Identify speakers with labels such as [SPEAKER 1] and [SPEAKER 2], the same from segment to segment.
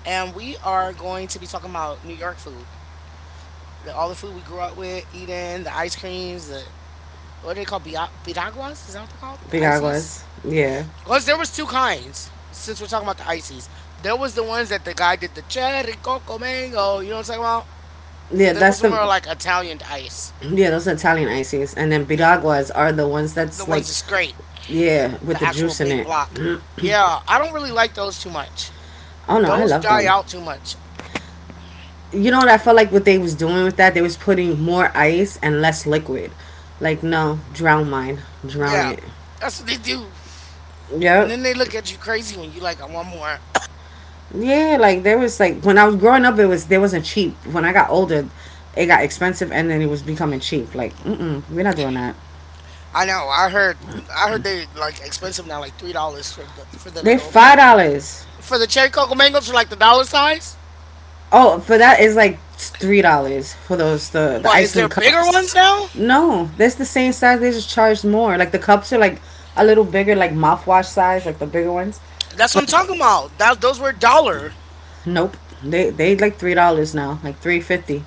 [SPEAKER 1] and we are going to be talking about New York food. All the food we grew up with, eating, the ice creams, the what are they called? Bidaguas? Is that what they're called? The ices?
[SPEAKER 2] biraguas. Yeah.
[SPEAKER 1] Because there was two kinds. Since we're talking about the ices, there was the ones that the guy did the cherry coco mango. You know what I'm talking about? So
[SPEAKER 2] Yeah,
[SPEAKER 1] there
[SPEAKER 2] that's
[SPEAKER 1] was
[SPEAKER 2] the
[SPEAKER 1] more like Italian ice.
[SPEAKER 2] yeah, those Italian ices. And then biraguas are the ones
[SPEAKER 1] The
[SPEAKER 2] that's
[SPEAKER 1] ones
[SPEAKER 2] like
[SPEAKER 1] that's great.
[SPEAKER 2] yeah, with
[SPEAKER 1] The
[SPEAKER 2] the
[SPEAKER 1] actual
[SPEAKER 2] juice in
[SPEAKER 1] big
[SPEAKER 2] it.
[SPEAKER 1] block. Yeah, I don't really like those too much.
[SPEAKER 2] Oh no, I
[SPEAKER 1] Those
[SPEAKER 2] love
[SPEAKER 1] die
[SPEAKER 2] them.
[SPEAKER 1] out too much.
[SPEAKER 2] You know what I felt like what they was doing with that? They was putting more ice and less liquid. Like no, drown mine. Drown
[SPEAKER 1] Yeah,
[SPEAKER 2] it.
[SPEAKER 1] that's what they do. And
[SPEAKER 2] Yep.
[SPEAKER 1] then they look at you crazy when you like, I want more.
[SPEAKER 2] Yeah, like there was like when I was growing up it was there wasn't cheap. When I got older, it got expensive and then it was becoming cheap. Like, mm mm, we're not doing that.
[SPEAKER 1] I know. I heard. I heard they like expensive now, like $3 for the
[SPEAKER 2] They're
[SPEAKER 1] little
[SPEAKER 2] $5.
[SPEAKER 1] for the cherry cocoa mangoes for like the dollar size.
[SPEAKER 2] Oh, for that is like $3 for those the
[SPEAKER 1] What
[SPEAKER 2] ice
[SPEAKER 1] is
[SPEAKER 2] cream
[SPEAKER 1] there bigger
[SPEAKER 2] cups.
[SPEAKER 1] ones now?
[SPEAKER 2] No, that's the same size. They just charge more. Like the cups are like a little bigger, like mouthwash size, like the bigger ones.
[SPEAKER 1] That's what
[SPEAKER 2] But
[SPEAKER 1] I'm talking about. That those were dollar.
[SPEAKER 2] nope, they like $3 now, like 3.50,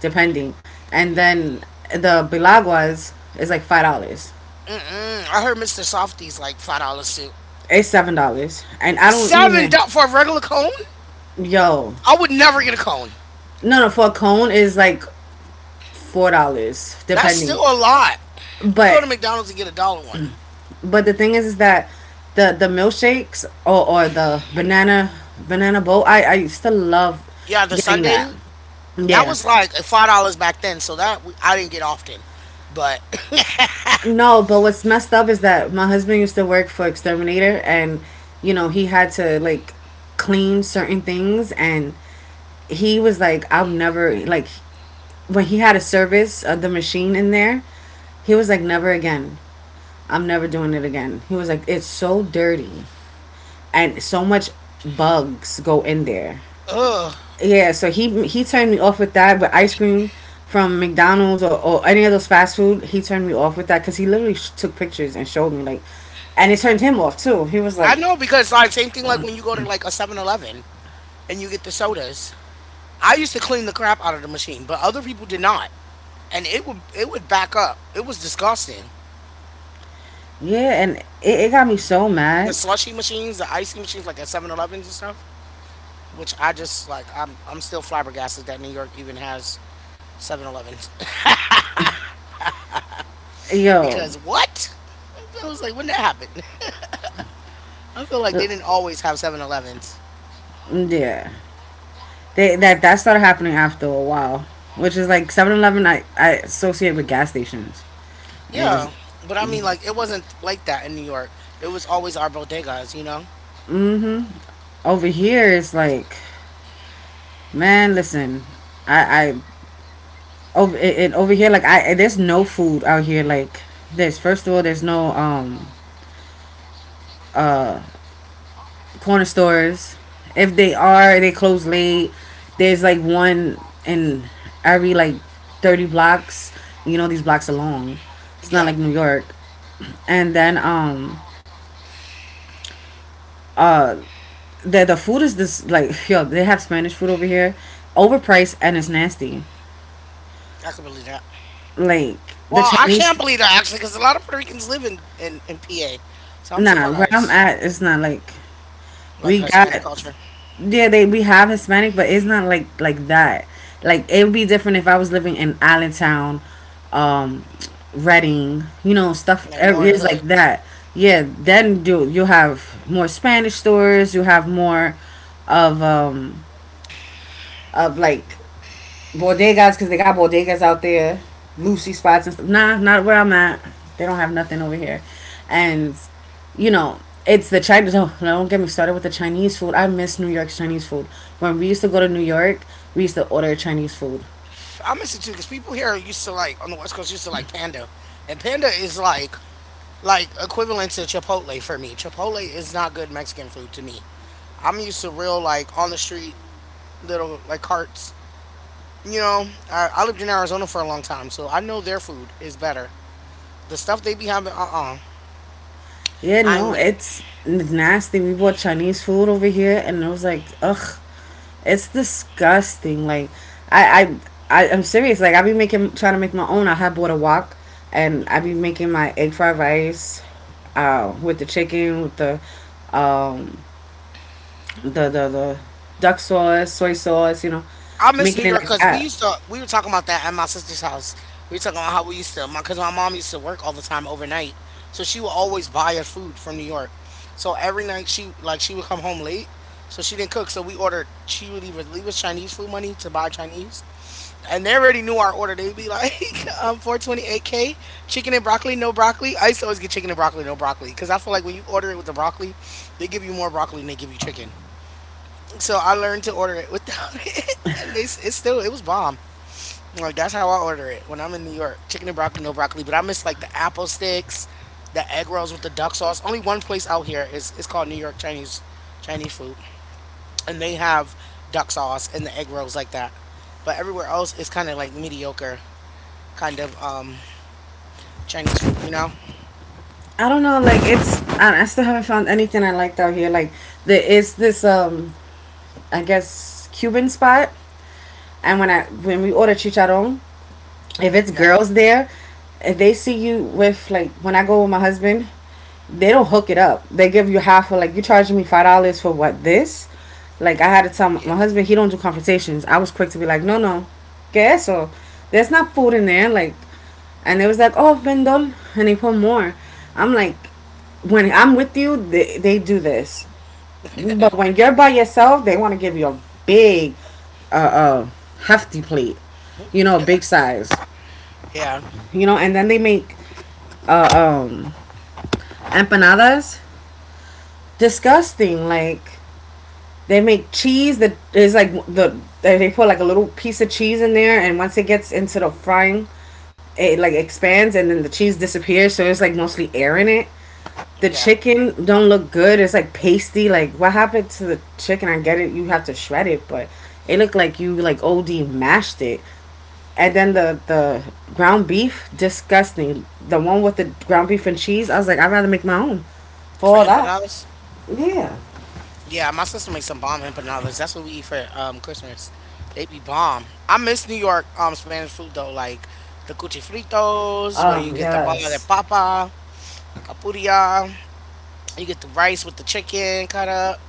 [SPEAKER 2] depending. And then the bilaguas is like $5.
[SPEAKER 1] Mm-mm. I heard Mr. Softy's like $5 too.
[SPEAKER 2] It's $7, and I don't
[SPEAKER 1] Seven
[SPEAKER 2] even
[SPEAKER 1] dollars for a regular cone?
[SPEAKER 2] yo.
[SPEAKER 1] I would never get a cone.
[SPEAKER 2] No no, for a cone is like $4
[SPEAKER 1] That's
[SPEAKER 2] depending.
[SPEAKER 1] still a lot. You go
[SPEAKER 2] But
[SPEAKER 1] to McDonald's and get a dollar one.
[SPEAKER 2] But the thing is that the milkshakes or the banana boat, I used to love
[SPEAKER 1] Yeah, the
[SPEAKER 2] getting that.
[SPEAKER 1] Sunday that
[SPEAKER 2] Yeah.
[SPEAKER 1] was like $5 back then, so that I didn't get often. But
[SPEAKER 2] No, but what's messed up is that my husband used to work for Exterminator, and you know he had to like clean certain things, and he was like, "I'll never like." When he had a service of the machine in there, he was like, "Never again. I'm never doing it again." He was like, "It's so dirty, and so much bugs go in there."
[SPEAKER 1] ugh,
[SPEAKER 2] Yeah, so he turned me off with that with ice cream from McDonald's or any of those fast food. He turned me off with that because he literally took pictures and showed me like, and it turned him off too. He was
[SPEAKER 1] I
[SPEAKER 2] like,
[SPEAKER 1] know because like same thing like when you go to like a 7-Eleven and you get the sodas. I used to clean the crap out of the machine, but other people did not, and it would back up. It was disgusting.
[SPEAKER 2] yeah, and it got me so
[SPEAKER 1] The
[SPEAKER 2] mad,
[SPEAKER 1] slushy machines, the icy machines, like at Seven Elevens and stuff. Which I just like. I'm still flabbergasted that New York even has Seven Elevens
[SPEAKER 2] yo,
[SPEAKER 1] because what? I was like, when that happened. I feel like they
[SPEAKER 2] l-
[SPEAKER 1] didn't always have Seven Elevens.
[SPEAKER 2] yeah. They, that started happening after a while, which is like 7-Eleven. I associate with gas stations, and it was
[SPEAKER 1] Yeah, but I mean, like, it wasn't like that in New York. It was always our bodegas, you know?
[SPEAKER 2] mm-hmm. Over here, it's like, man, listen, I I over here like I there's no food out here like this. First of all, there's no corner stores. If they are, they close late. There's like one in every like 30 blocks. You know these blocks are long. It's not like
[SPEAKER 1] Yeah,
[SPEAKER 2] New York. And then uh the food is this like yo, they have Spanish food over here. Overpriced and it's nasty.
[SPEAKER 1] I can believe that.
[SPEAKER 2] Like the
[SPEAKER 1] Well, I
[SPEAKER 2] Chinese
[SPEAKER 1] can't believe that, actually, because a lot of Puerto Ricans live in PA. So I'm
[SPEAKER 2] nah, where
[SPEAKER 1] surprised.
[SPEAKER 2] I'm at it's not like.
[SPEAKER 1] Like,
[SPEAKER 2] We got
[SPEAKER 1] Hispanic culture,
[SPEAKER 2] yeah, they we have Hispanic, but it's not like like that. Like it would be different if I was living in Allentown, um, Reading, you know, stuff
[SPEAKER 1] like, more of
[SPEAKER 2] areas
[SPEAKER 1] the
[SPEAKER 2] like
[SPEAKER 1] hood.
[SPEAKER 2] that. Yeah, then do you have more Spanish stores. You have more of um of like bodegas because they got bodegas out there, Lucy spots and stuff. Nah, not where I'm at. They don't have nothing over here, and you know it's the Chinese. Oh, don't get me started with the Chinese food. I miss New York's Chinese food. When we used to go to New York, we used to order Chinese food.
[SPEAKER 1] I miss it too, because people here used to, like, on the West Coast, used to like Panda. And Panda is, like equivalent to Chipotle for me. Chipotle is not good Mexican food to me. I'm used to real, like, on the street little, like, carts. You know, I lived in Arizona for a long time, so I know their food is better. The stuff they be having, uh-uh,
[SPEAKER 2] Yeah,
[SPEAKER 1] I ain't
[SPEAKER 2] no,
[SPEAKER 1] with it.
[SPEAKER 2] it's nasty. We bought Chinese food over here, and it was like, ugh, it's disgusting. Like, I, I I'm serious. Like, I be making, trying to make my own. I had bought a wok, and I be making my egg fried rice, with the chicken, with the, um, the duck sauce, soy sauce. You know,
[SPEAKER 1] I miss New
[SPEAKER 2] making it
[SPEAKER 1] York
[SPEAKER 2] like
[SPEAKER 1] because we
[SPEAKER 2] that.
[SPEAKER 1] used to, we were talking about that at my sister's house. We were talking about how we used to, my, because my mom used to work all the time overnight, so she would always buy us food from New York. So every night she, like, she would come home late, so she didn't cook. So we ordered, she would either leave us Chinese food money to buy Chinese, and they already knew our order. They'd be like, 428K, chicken and broccoli, no broccoli. I used to always get chicken and broccoli, no broccoli. Because I feel like when you order it with the broccoli, they give you more broccoli than they give you chicken. So I learned to order it without it. And they, it's still, it was bomb. Like, that's how I order it when I'm in New York. Chicken and broccoli, no broccoli. But I miss like the apple sticks, the egg rolls with the duck sauce. Only one place out here is, it's called New York Chinese, Chinese food. And they have duck sauce and the egg rolls like that. But everywhere else, it's kind of like mediocre kind of Chinese food, you know?
[SPEAKER 2] I don't know. Like, it's I still haven't found anything I liked out here. Like, there is this I guess Cuban spot. And when I when we order chicharron, if it's
[SPEAKER 1] Yeah.
[SPEAKER 2] girls there, if they see you with like when I go with my husband, they don't hook it up. They give you half of like you charging me $5 for what this. Like I had to tell my
[SPEAKER 1] Yeah.
[SPEAKER 2] my husband he don't do conversations. I was quick to be like, no no, que eso? There's not food in there. Like, and they was like, oh vendol, and they put more. I'm like, when I'm with you, they do this. But when you're by yourself, they want to give you a big, uh, uh, hefty plate, you know, big size,
[SPEAKER 1] Yeah.
[SPEAKER 2] you know, and then they make uh, um, empanadas. Disgusting. Like they make cheese that is like the they put like a little piece of cheese in there, and once it gets into the frying, it like expands, and then the cheese disappears. So it's like mostly air in it. The
[SPEAKER 1] Yeah.
[SPEAKER 2] chicken don't look good. It's like pasty. Like what happened to the chicken? I get it. You have to shred it, but it looked like you like OD mashed it. And then the ground beef, disgusting. The one with the ground beef and cheese, I was like, I'd rather make my own. For
[SPEAKER 1] For
[SPEAKER 2] all that,
[SPEAKER 1] empanadas.
[SPEAKER 2] yeah.
[SPEAKER 1] Yeah, my sister makes some bomb empanadas. That's what we eat for Christmas. They be bomb. I miss New York Spanish food though, like the cuchifritos, where you get the bala de
[SPEAKER 2] Yes.
[SPEAKER 1] papa, la capuria, you get the rice with the chicken cut up.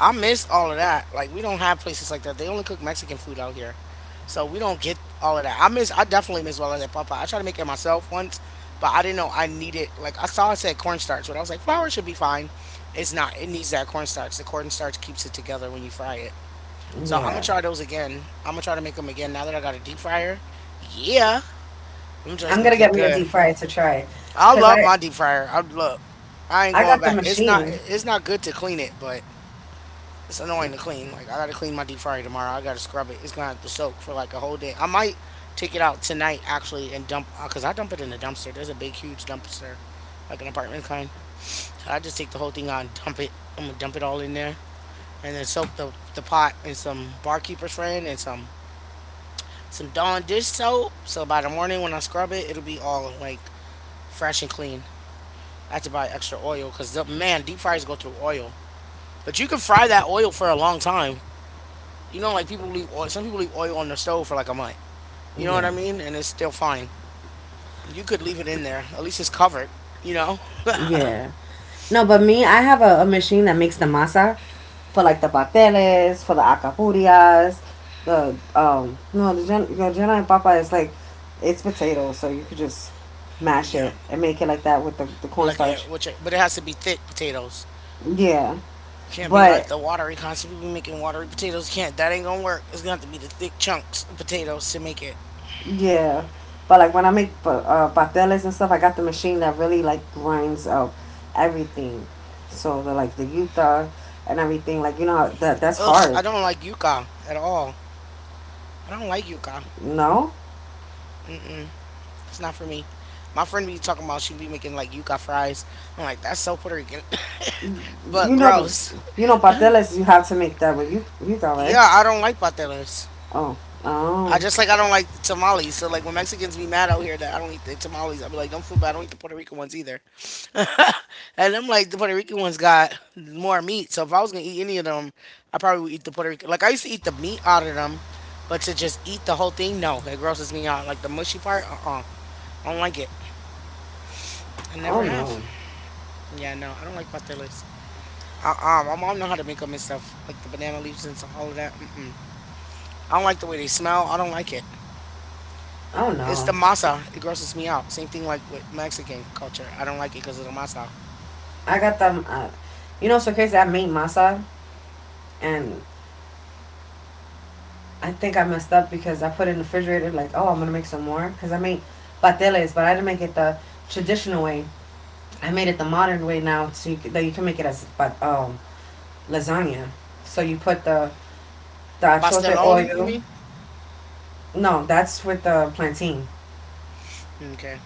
[SPEAKER 1] I miss all of that. Like we don't have places like that. They only cook Mexican food out here. So we don't get all of that. I miss I definitely miss Wellness at Papa. I tried to make it myself once, but I didn't know I needed like I saw it said cornstarch, but I was like, flour should be fine. It's not. It needs that cornstarch. The cornstarch keeps it together when you fry it. So I'm gonna
[SPEAKER 2] Yeah.
[SPEAKER 1] try those again. I'm gonna try to make them again now that I got a deep fryer. Yeah. Them joints
[SPEAKER 2] I'm
[SPEAKER 1] gonna
[SPEAKER 2] gonna
[SPEAKER 1] cook
[SPEAKER 2] get me a
[SPEAKER 1] good.
[SPEAKER 2] deep fryer to try,
[SPEAKER 1] I
[SPEAKER 2] cause
[SPEAKER 1] love my deep fryer. I look. I ain't
[SPEAKER 2] I
[SPEAKER 1] going
[SPEAKER 2] got the
[SPEAKER 1] back. It's not
[SPEAKER 2] machine.
[SPEAKER 1] it's not good to clean it, but it's annoying to clean. Like I gotta clean my deep fryer tomorrow. I gotta scrub it. It's gonna have to soak for like a whole day. I might take it out tonight actually and dump cause I dump it in the dumpster. There's a big huge dumpster, like an apartment kind. So I just take the whole thing out and dump it. I'm gonna dump it all in there and then soak the pot in some barkeeper's friend and some Dawn dish soap. So by the morning when I scrub it, it'll be all like fresh and clean. I have to buy extra oil because man, deep fryers go through oil. But you can fry that oil for a long time. You know, like people leave oil. Some people leave oil on their stove for like a month. You know what
[SPEAKER 2] Yeah.
[SPEAKER 1] I mean? And it's still fine. You could leave it in there. At least it's covered. You know?
[SPEAKER 2] Yeah. No, but me, I have a machine that makes the masa for like the pasteles, for the acapurias, the no the your and papa is like it's potatoes, so you could just mash
[SPEAKER 1] Yeah.
[SPEAKER 2] it and make it like that with the
[SPEAKER 1] Like, yeah,
[SPEAKER 2] cornstarch.
[SPEAKER 1] which, but it has to be thick potatoes.
[SPEAKER 2] Yeah.
[SPEAKER 1] Can't be like
[SPEAKER 2] But
[SPEAKER 1] the watery concept. People making watery potatoes. You can't. That ain't gonna work. It's gonna have to be the thick chunks of potatoes to make it.
[SPEAKER 2] yeah. But like when I make pasteles and stuff, I got the machine that really like grinds up everything. So the like the yuta and everything, like you know how that's
[SPEAKER 1] Ugh,
[SPEAKER 2] hard.
[SPEAKER 1] I don't like yuca at all. I don't like yuca.
[SPEAKER 2] No?
[SPEAKER 1] Mm-mm, it's not for me. My friend be talking about she be making like yuca fries. I'm like, that's so Puerto Rican, but
[SPEAKER 2] You know,
[SPEAKER 1] gross.
[SPEAKER 2] you know, pateles. You have to make that with you. You go right.
[SPEAKER 1] Yeah, I don't like pateles.
[SPEAKER 2] Oh,
[SPEAKER 1] I
[SPEAKER 2] oh,
[SPEAKER 1] just like I don't like tamales. So like when Mexicans be mad out here that I don't eat the tamales, I'll be like, don't feel bad. I don't eat the Puerto Rican ones either. and I'm like, the Puerto Rican ones got more meat. So if I was gonna eat any of them, I probably would eat the Puerto Rican. Like I used to eat the meat out of them, but to just eat the whole thing, no, it grosses me out. Like the mushy part, uh-uh, I don't like it. I never
[SPEAKER 2] oh
[SPEAKER 1] have.
[SPEAKER 2] no,
[SPEAKER 1] Yeah, no, I don't like pateles. Uh-uh, my mom know how to make them and stuff, like the banana leaves and so all of that. Mm-mm. I don't like the way they smell. I don't like it.
[SPEAKER 2] oh
[SPEAKER 1] It's the
[SPEAKER 2] no.
[SPEAKER 1] masa. It grosses me out. Same thing like with Mexican culture. I don't like it because of the masa.
[SPEAKER 2] I got them. You know, so crazy. I made masa, and I think I messed up because I put it in the refrigerator. Like, oh, I'm gonna make some more because I made pateles, but I didn't make it the traditional way. I made it the modern way now, so you, that you can make it as but lasagna. So you put the achote
[SPEAKER 1] Pastelon, you
[SPEAKER 2] oil.
[SPEAKER 1] mean?
[SPEAKER 2] No, that's with the plantain.
[SPEAKER 1] Okay.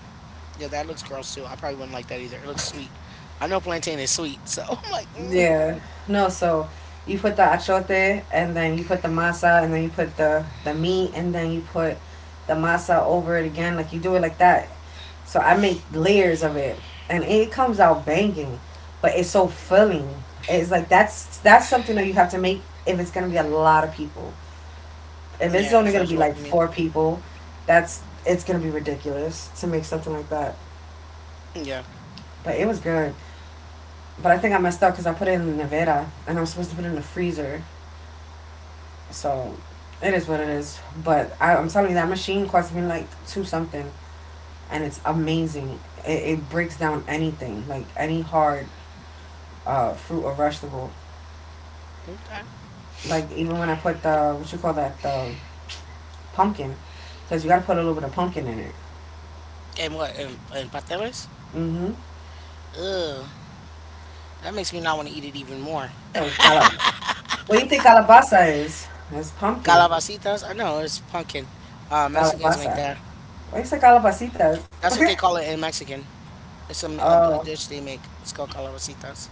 [SPEAKER 1] Yeah, that looks gross too. I probably wouldn't like that either. It looks sweet. I know plantain is sweet, so I'm like, mm.
[SPEAKER 2] Yeah. No, so you put the achote and then you put the masa and then you put the meat and then you put the masa over it again. Like you do it like that. So I make layers of it and it comes out banging, but it's so filling. It's like that's something that you have to make if it's gonna be a lot of people. If it's
[SPEAKER 1] Yeah, it
[SPEAKER 2] only gonna
[SPEAKER 1] fills
[SPEAKER 2] be
[SPEAKER 1] you up.
[SPEAKER 2] like
[SPEAKER 1] You mean?
[SPEAKER 2] four people, that's it's gonna be ridiculous to make something like that.
[SPEAKER 1] Yeah.
[SPEAKER 2] But it was good. But I think I messed up because I put it in the nevera and I'm supposed to put it in the freezer. So it is what it is. But I, I'm telling you, that machine cost me like two something, and it's amazing. It breaks down anything, like any hard fruit or vegetable.
[SPEAKER 1] Okay.
[SPEAKER 2] Like even when I put the what you call that the pumpkin, because you gotta put a little bit of pumpkin in it.
[SPEAKER 1] And what? And pateles?
[SPEAKER 2] Mm-hmm.
[SPEAKER 1] Ugh. That makes me not want to eat it even more.
[SPEAKER 2] The cala. What do you think calabaza is? It's pumpkin.
[SPEAKER 1] Calabacitas? I know it's pumpkin. Mexicans make
[SPEAKER 2] Calabaza.
[SPEAKER 1] that.
[SPEAKER 2] Why you say calabacitas?
[SPEAKER 1] That's what they call it in Mexican. It's a
[SPEAKER 2] Oh
[SPEAKER 1] dish they make. It's called calabacitas.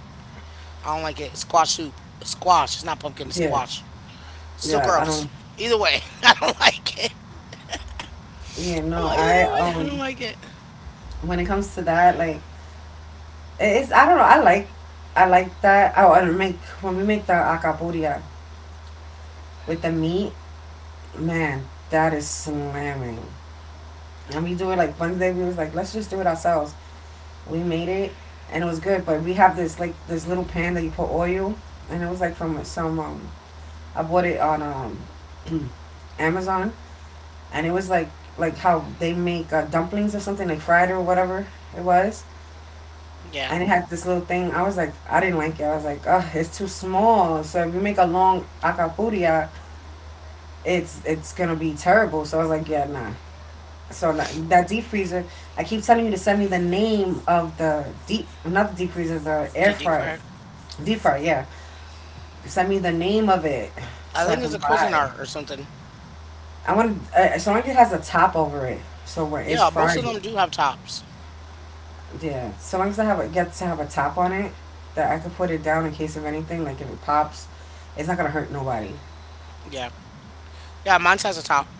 [SPEAKER 1] I don't like it. It's squash soup. It's squash. It's not pumpkin. It's
[SPEAKER 2] yeah,
[SPEAKER 1] squash. It's still
[SPEAKER 2] yeah. I
[SPEAKER 1] gross.
[SPEAKER 2] don't.
[SPEAKER 1] Either way, I don't like it.
[SPEAKER 2] Yeah,
[SPEAKER 1] I'm
[SPEAKER 2] no.
[SPEAKER 1] like,
[SPEAKER 2] I
[SPEAKER 1] either way, I don't
[SPEAKER 2] um.
[SPEAKER 1] like it.
[SPEAKER 2] When it comes to that, like it's I don't know. I like that. Oh, and make when we make the acapuria with the meat, man, that is slamming. And we do it like Wednesday. We was like, let's just do it ourselves. We made it, and it was good. But we have this like this little pan that you put oil, and it was like from some I bought it on Amazon, and it was like how they make dumplings or something like fried or whatever it was.
[SPEAKER 1] Yeah.
[SPEAKER 2] And it had this little thing. I was like, I didn't like it. I was like, oh, it's too small. So if you make a long acapuria, it's gonna be terrible. So I was like, yeah, nah. So like, that deep freezer, I keep telling you to send me the name of the deep, not the deep freezer, the air
[SPEAKER 1] Do deep
[SPEAKER 2] fryer,
[SPEAKER 1] fryer.
[SPEAKER 2] deep fryer. Yeah, send me the name of it
[SPEAKER 1] I
[SPEAKER 2] so I
[SPEAKER 1] think it's
[SPEAKER 2] can
[SPEAKER 1] a Cuisinart
[SPEAKER 2] buy.
[SPEAKER 1] art or something.
[SPEAKER 2] I want. So long as it has a top over it, so where it's
[SPEAKER 1] Yeah, most of
[SPEAKER 2] fried.
[SPEAKER 1] them do have tops.
[SPEAKER 2] Yeah, so long as I have a, get to have a top on it that I could put it down in case of anything, like if it pops, it's not gonna hurt nobody.
[SPEAKER 1] Yeah. Yeah, mine has a top.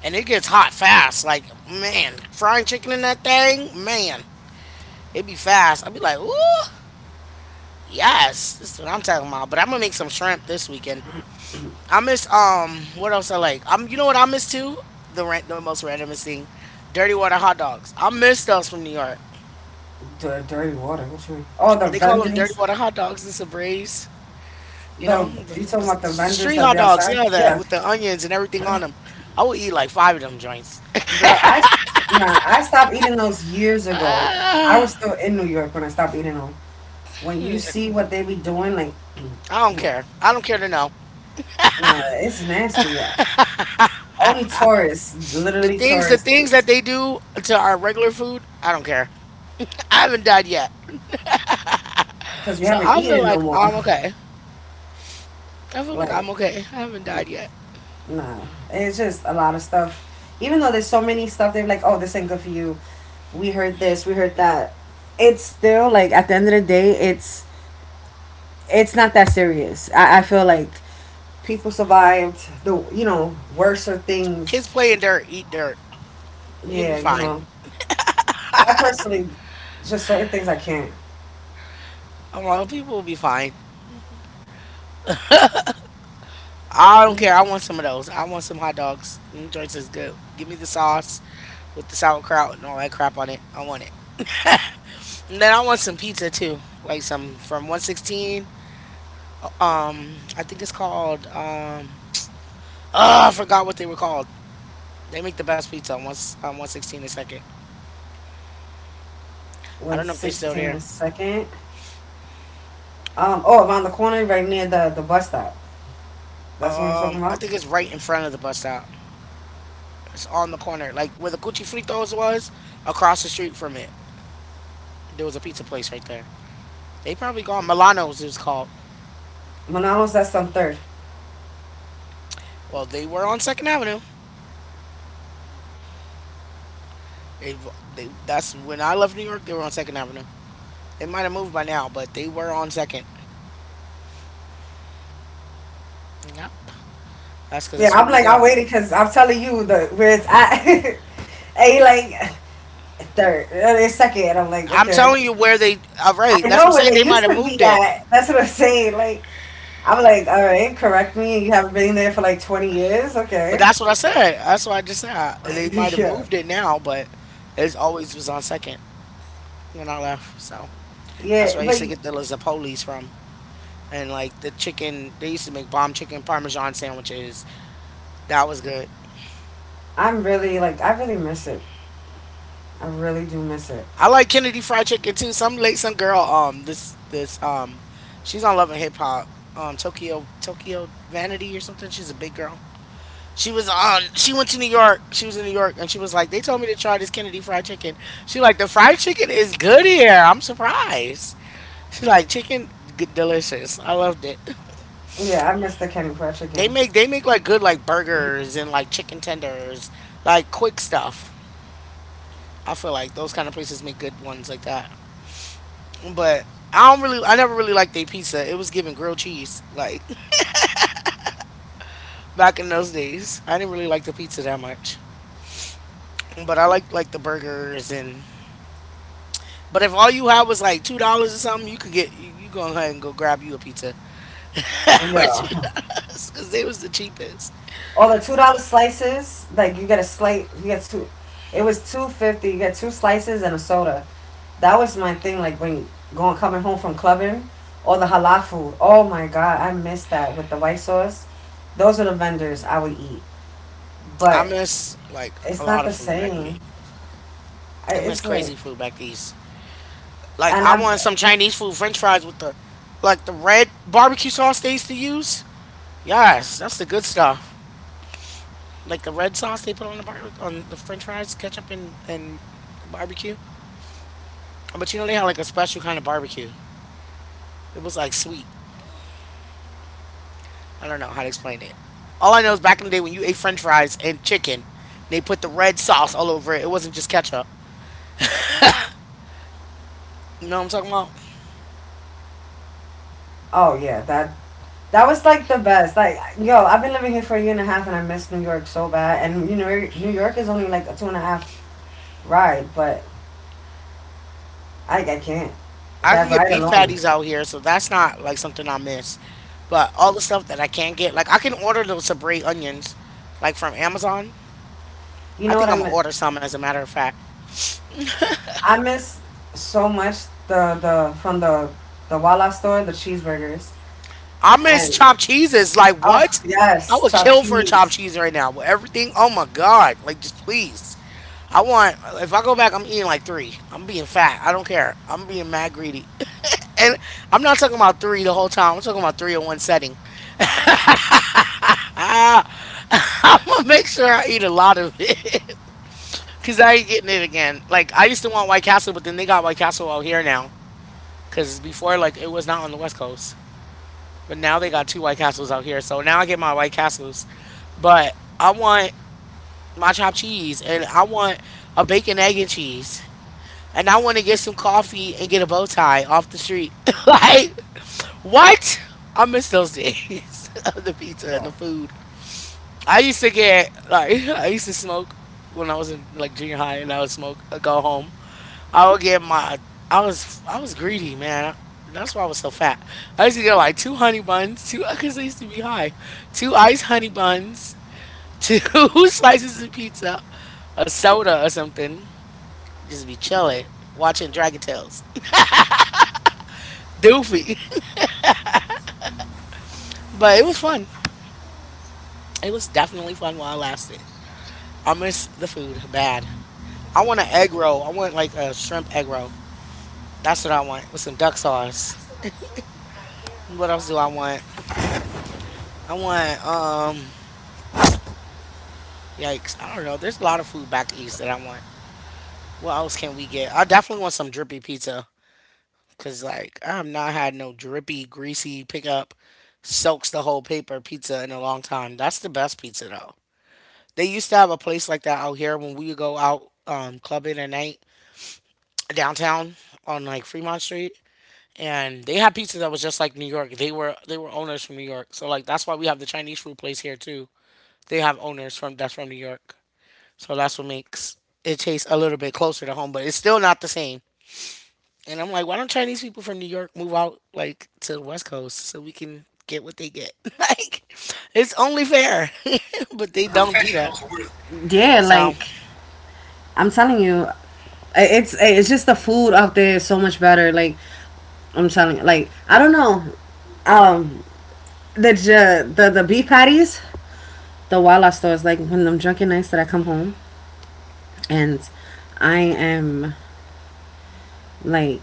[SPEAKER 1] And it gets hot fast. Like, man, frying chicken in that thing, man, it be fast. I'd be like, ooh, yes. This is what I'm talking about. But I'm going to make some shrimp this weekend. I miss what else I like? I'm you know what I miss too? The rant the most randomest thing. Dirty water hot dogs. I miss those from New York.
[SPEAKER 2] D- dirty water. What you mean? Oh, the
[SPEAKER 1] They call them dirty
[SPEAKER 2] vendors.
[SPEAKER 1] water hot dogs. It's a braise. You know,
[SPEAKER 2] The
[SPEAKER 1] the,
[SPEAKER 2] you talking
[SPEAKER 1] the,
[SPEAKER 2] about the
[SPEAKER 1] the
[SPEAKER 2] vendors
[SPEAKER 1] street
[SPEAKER 2] that
[SPEAKER 1] hot
[SPEAKER 2] be
[SPEAKER 1] dogs,
[SPEAKER 2] outside?
[SPEAKER 1] yeah, the,
[SPEAKER 2] Yeah,
[SPEAKER 1] with the onions and everything on them. I would eat like five of them joints.
[SPEAKER 2] girl. I nah. I stopped eating those years ago. I
[SPEAKER 1] I
[SPEAKER 2] was still in New York when I stopped eating them. When you see what they be doing, like,
[SPEAKER 1] don't care. I don't care to know.
[SPEAKER 2] nah, it's nasty. Only tourists,
[SPEAKER 1] The
[SPEAKER 2] literally
[SPEAKER 1] things the
[SPEAKER 2] tourists,
[SPEAKER 1] things that they do to our regular food, I don't care. I haven't died yet.
[SPEAKER 2] because we
[SPEAKER 1] So
[SPEAKER 2] haven't
[SPEAKER 1] I feel
[SPEAKER 2] eaten no
[SPEAKER 1] like
[SPEAKER 2] more.
[SPEAKER 1] I'm okay. I feel like
[SPEAKER 2] like.
[SPEAKER 1] I'm okay. I haven't died yet.
[SPEAKER 2] Nah. It's just a lot of stuff. Even though there's so many stuff, they're like, oh, this ain't good for you. We heard this, we heard that. It's still like at the end of the day, it's not that serious. I feel like people survived the worser things.
[SPEAKER 1] Kids playing dirt, eat dirt. You'll be
[SPEAKER 2] Yeah, you
[SPEAKER 1] fine.
[SPEAKER 2] know. I personally just certain things I can't.
[SPEAKER 1] I'm like, people will be fine. I don't care. I want some of those. I want some hot dogs. Them joints is good. Give me the sauce with the sauerkraut and all that crap on it. I want it. And then I want some pizza too, like some from 116. I think it's called. Oh, I forgot what they were called. They make the best pizza on one on 116 a second. I
[SPEAKER 2] One
[SPEAKER 1] don't know if they're still
[SPEAKER 2] sixteen a
[SPEAKER 1] there.
[SPEAKER 2] second. Oh, around the corner, right near the bus stop. That's what you're talking
[SPEAKER 1] I
[SPEAKER 2] about.
[SPEAKER 1] think it's right in front of the bus stop. It's on the corner, like where the Cuchi Fritos was, across the street from it. There was a pizza place right there. They probably gone. Milano's is called.
[SPEAKER 2] Manalos, that's on third.
[SPEAKER 1] Well, they were on Second Avenue. They, they that's when I left New York. They were on Second Avenue. They might have moved by now, but they were on Second. Yep. That's because
[SPEAKER 2] Yeah,
[SPEAKER 1] that's where
[SPEAKER 2] I'm
[SPEAKER 1] we
[SPEAKER 2] like I
[SPEAKER 1] go.
[SPEAKER 2] waited because I'm telling you the where it's at. And he like third, it's second, and I'm like,
[SPEAKER 1] I'm
[SPEAKER 2] okay,
[SPEAKER 1] telling you where they. All right.
[SPEAKER 2] I
[SPEAKER 1] That's what I'm
[SPEAKER 2] know where
[SPEAKER 1] saying.
[SPEAKER 2] they
[SPEAKER 1] They might
[SPEAKER 2] used
[SPEAKER 1] have
[SPEAKER 2] to
[SPEAKER 1] moved
[SPEAKER 2] be
[SPEAKER 1] it,
[SPEAKER 2] at. That's what I'm saying. Like I'm like, all right, correct me. You haven't been there for like 20 years,
[SPEAKER 1] but
[SPEAKER 2] okay?
[SPEAKER 1] that's what I said. That's what I just said. They might have
[SPEAKER 2] yeah,
[SPEAKER 1] moved it now, but it always was on Second when I left. So that's
[SPEAKER 2] yeah,
[SPEAKER 1] where I used
[SPEAKER 2] but
[SPEAKER 1] to get the Lazzapolis from. And like the chicken, they used to make bomb chicken parmesan sandwiches. That was good.
[SPEAKER 2] I'm really like I really miss it. I really do miss it.
[SPEAKER 1] I like Kennedy Fried Chicken too. Some late some girl this this she's on Love and Hip Hop, Tokyo Vanity or something. She's a big girl. She was on She went to New York. She was in New York and she was like, they told me to try this Kennedy Fried Chicken. She like, the fried chicken is good here. I'm surprised. She like, chicken good, delicious. I loved it.
[SPEAKER 2] Yeah, I miss the Kenny Fried Chicken.
[SPEAKER 1] They make like good, like burgers and like chicken tenders, like quick stuff. I feel like those kind of places make good ones like that. But I never really liked their pizza. It was giving grilled cheese, like back in those days. I didn't really like the pizza that much, but I liked like the burgers and. But if all you had was like $2 or something, you could get you, go ahead and go grab you a pizza, for two
[SPEAKER 2] Yeah,
[SPEAKER 1] dollars because they was the cheapest.
[SPEAKER 2] all the $2 slices. Like you get a slice, you get two. It was 2.50. You get two slices and a soda. That was my thing. Like when going coming home from clubbing, or the halal food. Oh my god, I miss that with the white sauce. Those are the vendors I would eat,
[SPEAKER 1] I
[SPEAKER 2] but
[SPEAKER 1] miss like a
[SPEAKER 2] it's not
[SPEAKER 1] lot of
[SPEAKER 2] the
[SPEAKER 1] food back
[SPEAKER 2] same.
[SPEAKER 1] there.
[SPEAKER 2] I,
[SPEAKER 1] I miss
[SPEAKER 2] it's like,
[SPEAKER 1] crazy food back east. Like
[SPEAKER 2] and
[SPEAKER 1] I
[SPEAKER 2] I.
[SPEAKER 1] want some Chinese food, French fries with the, like the red barbecue sauce they used to use. Yes, that's the good stuff. Like the red sauce they put on the on the French fries, ketchup and barbecue. But you know they had like a special kind of barbecue. It was like sweet. I don't know how to explain it. All I know is back in the day when you ate French fries and chicken, they put the red sauce all over it. It wasn't just ketchup. You know what I'm talking about?
[SPEAKER 2] Oh yeah, that was like the best. Like yo, I've been living here for a year and a half, and I miss New York so bad. And you know, New York is only like a two and a half ride, but I can't.
[SPEAKER 1] I could
[SPEAKER 2] That
[SPEAKER 1] get
[SPEAKER 2] ride
[SPEAKER 1] beef
[SPEAKER 2] alone.
[SPEAKER 1] patties out here, so that's not like something I miss. But all the stuff that I can't get, like I can order those Sabre onions, like from Amazon.
[SPEAKER 2] You
[SPEAKER 1] I
[SPEAKER 2] know what
[SPEAKER 1] think
[SPEAKER 2] I
[SPEAKER 1] I'm gonna
[SPEAKER 2] mean?
[SPEAKER 1] order some as a matter of fact.
[SPEAKER 2] I miss so much the from the Walla store, the cheeseburgers,
[SPEAKER 1] I miss
[SPEAKER 2] and
[SPEAKER 1] chopped cheeses. Like what?
[SPEAKER 2] oh
[SPEAKER 1] I
[SPEAKER 2] yes,
[SPEAKER 1] would
[SPEAKER 2] chopped
[SPEAKER 1] kill for a chopped
[SPEAKER 2] cheese.
[SPEAKER 1] cheese right now. With everything, oh my god! Like just please. I want. If I go back, I'm eating like three. I'm being fat. I don't care. I'm being mad greedy. And I'm not talking about three the whole time. I'm talking about three in one setting. I'm gonna make sure I eat a lot of it. Cause I ain't getting it again. Like I used to want White Castle, but then they got White Castle out here now. Cause before, like it was not on the West Coast, but now they got two White Castles out here. So now I get my White Castles, but I want my chopped cheese, and I want a bacon, egg, and cheese. And I want to get some coffee and get a bow tie off the street. Like, what? I miss those days of the pizza and
[SPEAKER 2] Yeah.
[SPEAKER 1] the food. I used to get, like, I used to smoke when I was in, like, junior high, and I would smoke, I go home. I would get my, I was greedy, man. That's why I was so fat. I used to get, like, two honey buns, two, because I used to be high, two iced honey buns, two slices of pizza, a soda or something. Just be chilling, watching Dragon Tales. Doofy. But it was fun. It was definitely fun while it lasted. I miss the food bad. I want an egg roll. I want like a shrimp egg roll. That's what I want with some duck sauce. What else do I want? I want yikes. I don't know. There's a lot of food back east that I want. What else can we get? I definitely want some drippy pizza. Cause like I have not had no drippy, greasy pickup soaks the whole paper pizza in a long time. That's the best pizza though. They used to have a place like that out here when we would go out, clubbing at night downtown on like Fremont Street, and they had pizza that was just like New York. They were owners from New York, so like that's why we have the Chinese food place here too. They have owners from that's from New York, so that's what makes it taste a little bit closer to home, but it's still not the same. And I'm like, why don't Chinese people from New York move out like to the West Coast so we can get what they get? Like, it's only fair. But they don't do that.
[SPEAKER 2] Yeah,
[SPEAKER 1] So
[SPEAKER 2] like I'm telling you, it's just the food out there is so much better. Like I'm telling you, like I don't know, um, the the beef patties, the Walla stores. Like when I'm drunk at nights that I come home and I am like.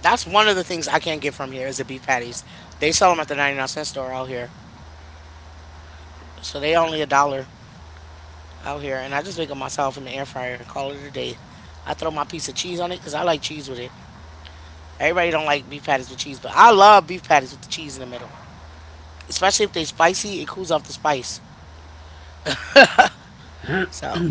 [SPEAKER 1] that's one of the things I can't get from here is the beef patties. They sell them at the 99¢ store out here. So they only a dollar out here. And I just make them myself in the air fryer and call it a day. I throw my piece of cheese on it because I like cheese with it. Everybody don't like beef patties with cheese, but I love beef patties with the cheese in the middle. Especially if they spicy, it cools off the spice. So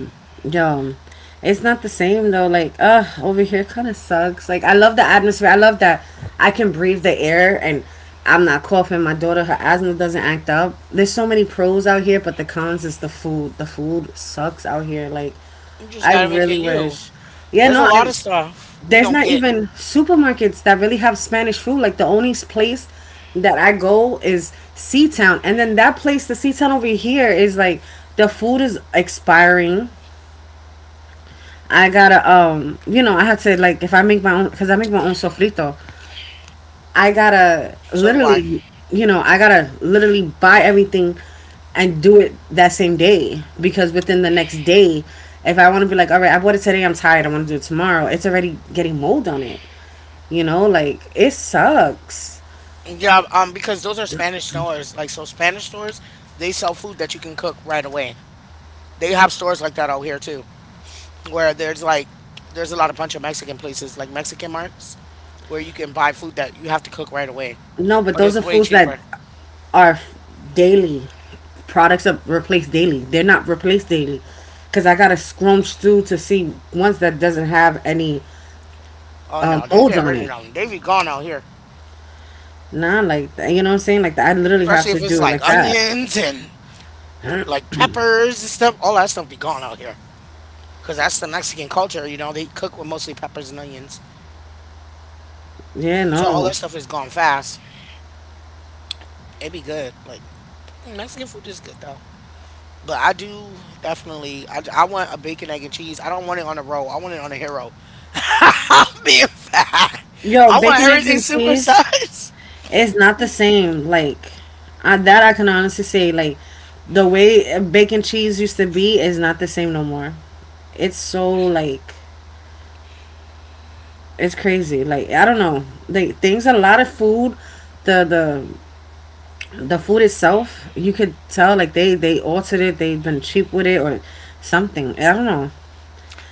[SPEAKER 2] Yo, it's not the same though. Like, over here kind of sucks. Like, I love the atmosphere. I love that I can breathe the air and I'm not coughing. My daughter, her asthma doesn't act up. There's so many pros out here, but the cons is the food. The food sucks out here. Like,
[SPEAKER 1] you just
[SPEAKER 2] I
[SPEAKER 1] gotta make it
[SPEAKER 2] really
[SPEAKER 1] you.
[SPEAKER 2] wish. Yeah,
[SPEAKER 1] There's
[SPEAKER 2] no,
[SPEAKER 1] a lot
[SPEAKER 2] I
[SPEAKER 1] of stuff we
[SPEAKER 2] there's
[SPEAKER 1] don't
[SPEAKER 2] not
[SPEAKER 1] get.
[SPEAKER 2] even supermarkets that really have Spanish food. Like the only place that I go is Sea Town. And then that place, the Sea Town over here is like the food is expiring. I gotta you know I had to like if I make my own because I make my own sofrito, I gotta
[SPEAKER 1] So do I.
[SPEAKER 2] literally, you know, I gotta literally buy everything and do it that same day because within the next day, if I want to be like, all right, I bought it today, I'm tired, I want to do it tomorrow, it's already getting mold on it, you know, like it sucks.
[SPEAKER 1] Yeah, because those are Spanish stores. Like, so Spanish stores, they sell food that you can cook right away. They have stores like that out here too, where there's a lot of bunch of Mexican places, like Mexican marts, where you can buy food that you have to cook right away.
[SPEAKER 2] No, but
[SPEAKER 1] But
[SPEAKER 2] those
[SPEAKER 1] it's
[SPEAKER 2] are
[SPEAKER 1] way
[SPEAKER 2] foods that
[SPEAKER 1] cheaper.
[SPEAKER 2] are f- daily products are replaced daily. They're not replaced daily because I gotta scrunch through to see ones that doesn't have any
[SPEAKER 1] Oh no, they
[SPEAKER 2] molds
[SPEAKER 1] get
[SPEAKER 2] on
[SPEAKER 1] rid of
[SPEAKER 2] it.
[SPEAKER 1] them. They be gone out here.
[SPEAKER 2] Nah, like you know what I'm saying. Like I literally have
[SPEAKER 1] Especially if
[SPEAKER 2] to
[SPEAKER 1] it's
[SPEAKER 2] do it
[SPEAKER 1] like
[SPEAKER 2] like that.
[SPEAKER 1] onions and like peppers and stuff. All that stuff be gone out here. Because that's the Mexican culture, you know, they cook with mostly peppers and onions.
[SPEAKER 2] Yeah,
[SPEAKER 1] So all
[SPEAKER 2] no.
[SPEAKER 1] that stuff is gone fast. It'd be good. Like mm, Mexican food is good though. But I do definitely. I want a bacon, egg, and cheese. I don't want it on a roll. I want it on a hero. I'm being fat.
[SPEAKER 2] Yo,
[SPEAKER 1] I want
[SPEAKER 2] bacon, eggs,
[SPEAKER 1] everything
[SPEAKER 2] and cheese
[SPEAKER 1] supersized.
[SPEAKER 2] is not the same. Like I, that, I can honestly say, like the way bacon cheese used to be is not the same no more. It's so like. It's crazy. Like I don't know. They things a lot of food. The the the food itself, you could tell like they altered it. They've been cheap with it or something. I don't know.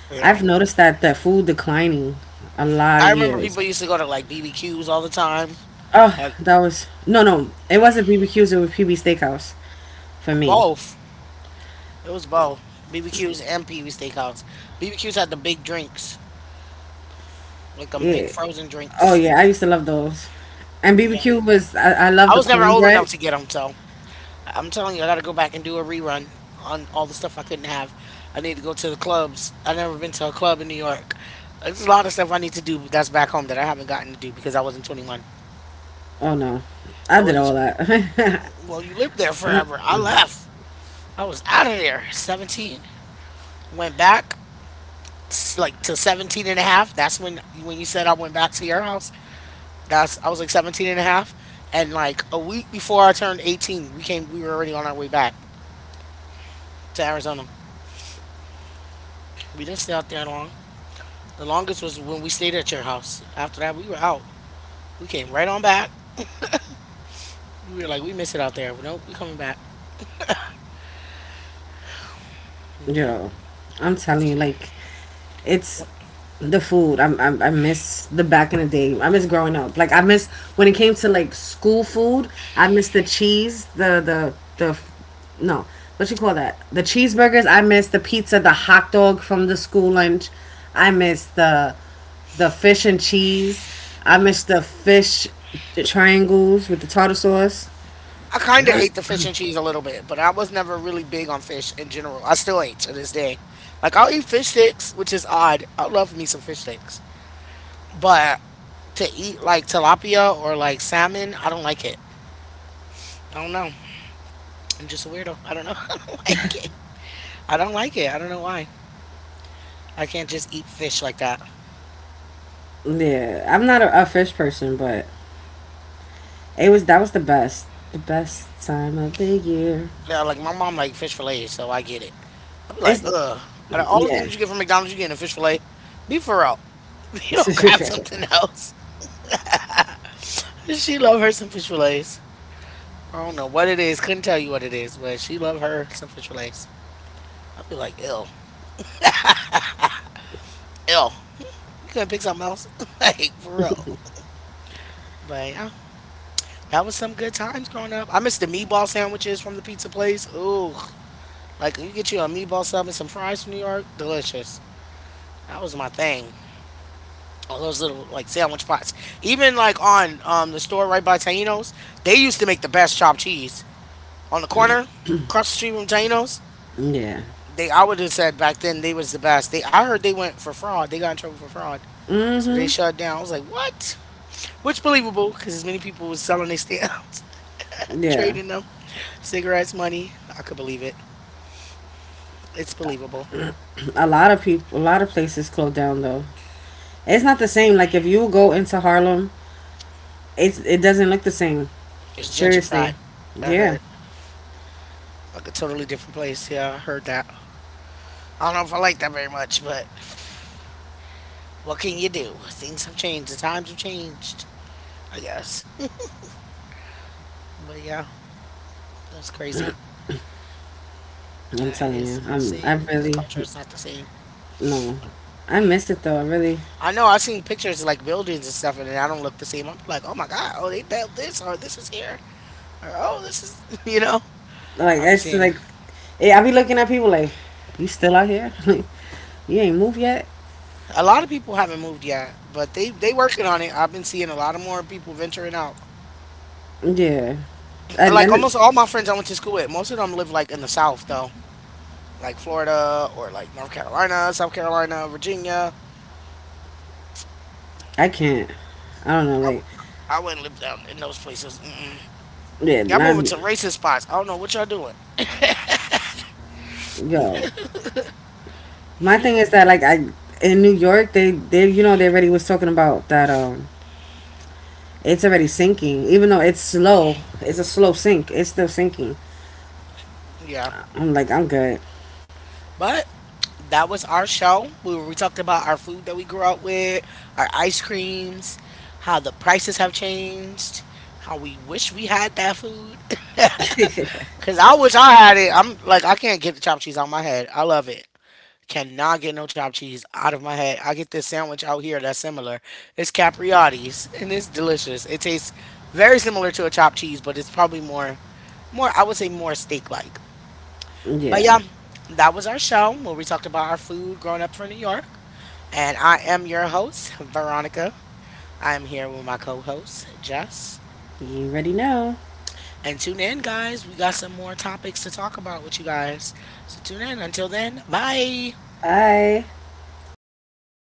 [SPEAKER 1] You know.
[SPEAKER 2] I've noticed that the food declining a lot
[SPEAKER 1] I
[SPEAKER 2] of
[SPEAKER 1] remember
[SPEAKER 2] years.
[SPEAKER 1] people used to go to like BBQs all the time.
[SPEAKER 2] Oh,
[SPEAKER 1] Like
[SPEAKER 2] that was no no. It wasn't BBQs. It was PB Steakhouse for me.
[SPEAKER 1] both. It was both. BBQs and Pee Wee Steakhouse. BBQs had the big drinks, like them big
[SPEAKER 2] Yeah.
[SPEAKER 1] frozen
[SPEAKER 2] Oh
[SPEAKER 1] drinks.
[SPEAKER 2] yeah. I used to love those. And
[SPEAKER 1] Yeah.
[SPEAKER 2] BBQ was I love
[SPEAKER 1] I
[SPEAKER 2] the
[SPEAKER 1] was never old
[SPEAKER 2] cornbread.
[SPEAKER 1] enough to get them, so. I'm telling you, I got to go back and do a rerun on all the stuff I couldn't have. I need to go to the clubs. I've never been to a club in New York. There's a lot of stuff I need to do that's back home that I haven't gotten to do because I wasn't 21.
[SPEAKER 2] Oh no,
[SPEAKER 1] I
[SPEAKER 2] I did
[SPEAKER 1] wasn't.
[SPEAKER 2] all that.
[SPEAKER 1] Well, you lived there forever. I left. I was out of there. 17. Went back like to 17 and a half. That's when you said I went back to your house. That's I was like 17 and a half and like a week before I turned 18, we were already on our way back to Arizona. We didn't stay out there long. The longest was when we stayed at your house. After that, we were out. We came right on back. We were like, we miss it out there. Nope, we coming back. Yep.
[SPEAKER 2] Yo, I'm telling
[SPEAKER 1] 'Cause
[SPEAKER 2] you, like, it's
[SPEAKER 1] what-
[SPEAKER 2] the food. I'm I miss the back in the day. I miss growing up. Like I miss when it came to like school food. I miss the cheese, no, what you call that? The cheeseburgers. I miss the pizza, the hot dog from the school lunch. I miss the fish and cheese. I miss the fish triangles with the tartar sauce.
[SPEAKER 1] I kind of
[SPEAKER 2] I
[SPEAKER 1] ate the fish and cheese a little bit, but I was never really big on fish in general. I still ain't to this day. Like I'll eat fish sticks, which is odd. I love me some fish sticks, but to eat like tilapia or like salmon, I don't like it. I don't know. I'm just a weirdo. I don't know. I don't like it. I don't like it. I don't know why. I can't just eat fish like that.
[SPEAKER 2] Yeah, I'm not a, a fish person, but it was that was the best time of the year.
[SPEAKER 1] Now, like my mom like fish fillets, so I get it. I'd be like,
[SPEAKER 2] It's
[SPEAKER 1] ugh. Out of all the
[SPEAKER 2] yeah,
[SPEAKER 1] things you get from McDonald's, you getting a fish fillet. Be for real. You don't grab something else. She love her some fish fillets. I don't know what it is. Couldn't tell you what it is, but she love her some fish fillets. I'd be like, ill, ill. You couldn't pick something else, like for real. But yeah, that was some good times growing up. I miss the meatball sandwiches from the pizza place. Ooh, like you get you a meatball sub and some fries from New York, delicious. That was my thing. All those little like sandwich pots. Even like on the store right by Taino's, they used to make the best chopped cheese on the corner across the street from Taino's.
[SPEAKER 2] yeah,
[SPEAKER 1] They I would have said back then they was the best. They I heard they went for fraud. They got in trouble for fraud, so they shut down. I was like, what? Which believable because as many people was selling their stamps,
[SPEAKER 2] yeah.
[SPEAKER 1] trading them, cigarettes, money. I could believe it. It's believable.
[SPEAKER 2] A lot of people, a lot of places closed down though. It's not the same. Like if you go into Harlem, it's it doesn't look the same.
[SPEAKER 1] It's
[SPEAKER 2] Seriously,
[SPEAKER 1] gentrified. I
[SPEAKER 2] yeah.
[SPEAKER 1] heard like a totally different place. Yeah, I heard that. I don't know if I like that very much, but what can you do? Things have changed. The times have changed, I guess. But yeah, that's crazy.
[SPEAKER 2] I'm
[SPEAKER 1] That
[SPEAKER 2] telling you,
[SPEAKER 1] is
[SPEAKER 2] I'm I
[SPEAKER 1] insane. The
[SPEAKER 2] really
[SPEAKER 1] culture is not the same.
[SPEAKER 2] no, I miss it though. I really
[SPEAKER 1] I know I've seen pictures of like buildings and stuff, and I don't look the same. I'm like, oh my God, oh, they built this, or this is here, or oh, this is, you know.
[SPEAKER 2] like
[SPEAKER 1] I'll be
[SPEAKER 2] it's
[SPEAKER 1] seeing
[SPEAKER 2] like yeah, I be looking at people like you still out here, like you ain't moved yet.
[SPEAKER 1] a lot of people haven't moved yet, but they working on it. I've been seeing a lot of more people venturing out.
[SPEAKER 2] Yeah, and
[SPEAKER 1] Like
[SPEAKER 2] then
[SPEAKER 1] almost all my friends I went to school with, most of them live like in the South though, like Florida or like North Carolina, South Carolina, Virginia.
[SPEAKER 2] I can't. I don't know,
[SPEAKER 1] I, w-
[SPEAKER 2] like
[SPEAKER 1] I wouldn't live down in those places. Mm-mm.
[SPEAKER 2] yeah,
[SPEAKER 1] Y'all
[SPEAKER 2] not
[SPEAKER 1] moving to racist spots. I don't know what y'all doing.
[SPEAKER 2] yo. My thing is that like I in New York they you know they already was talking about that it's already sinking. Even though it's slow, it's a slow sink, it's still sinking.
[SPEAKER 1] Yeah.
[SPEAKER 2] I'm like I'm good.
[SPEAKER 1] But that was our show. We talked about our food that we grew up with, our ice creams, how the prices have changed, how we wish we had that food. Cause I wish I had it. I'm like I can't get the chopped cheese out of my head. I love it. Cannot get no chopped cheese out of my head. I get this sandwich out here that's similar. It's Capriotti's and it's delicious. It tastes very similar to a chopped cheese, but it's probably more, more I would say more steak like. But
[SPEAKER 2] Yeah,
[SPEAKER 1] yeah, that was our show where we talked about our food growing up from New York. And I am your host, Veronica. I'm here with my co host, Jess.
[SPEAKER 2] you already know.
[SPEAKER 1] And tune in, guys. We got some more topics to talk about with you guys. So tune in. Until then, bye.
[SPEAKER 2] Bye.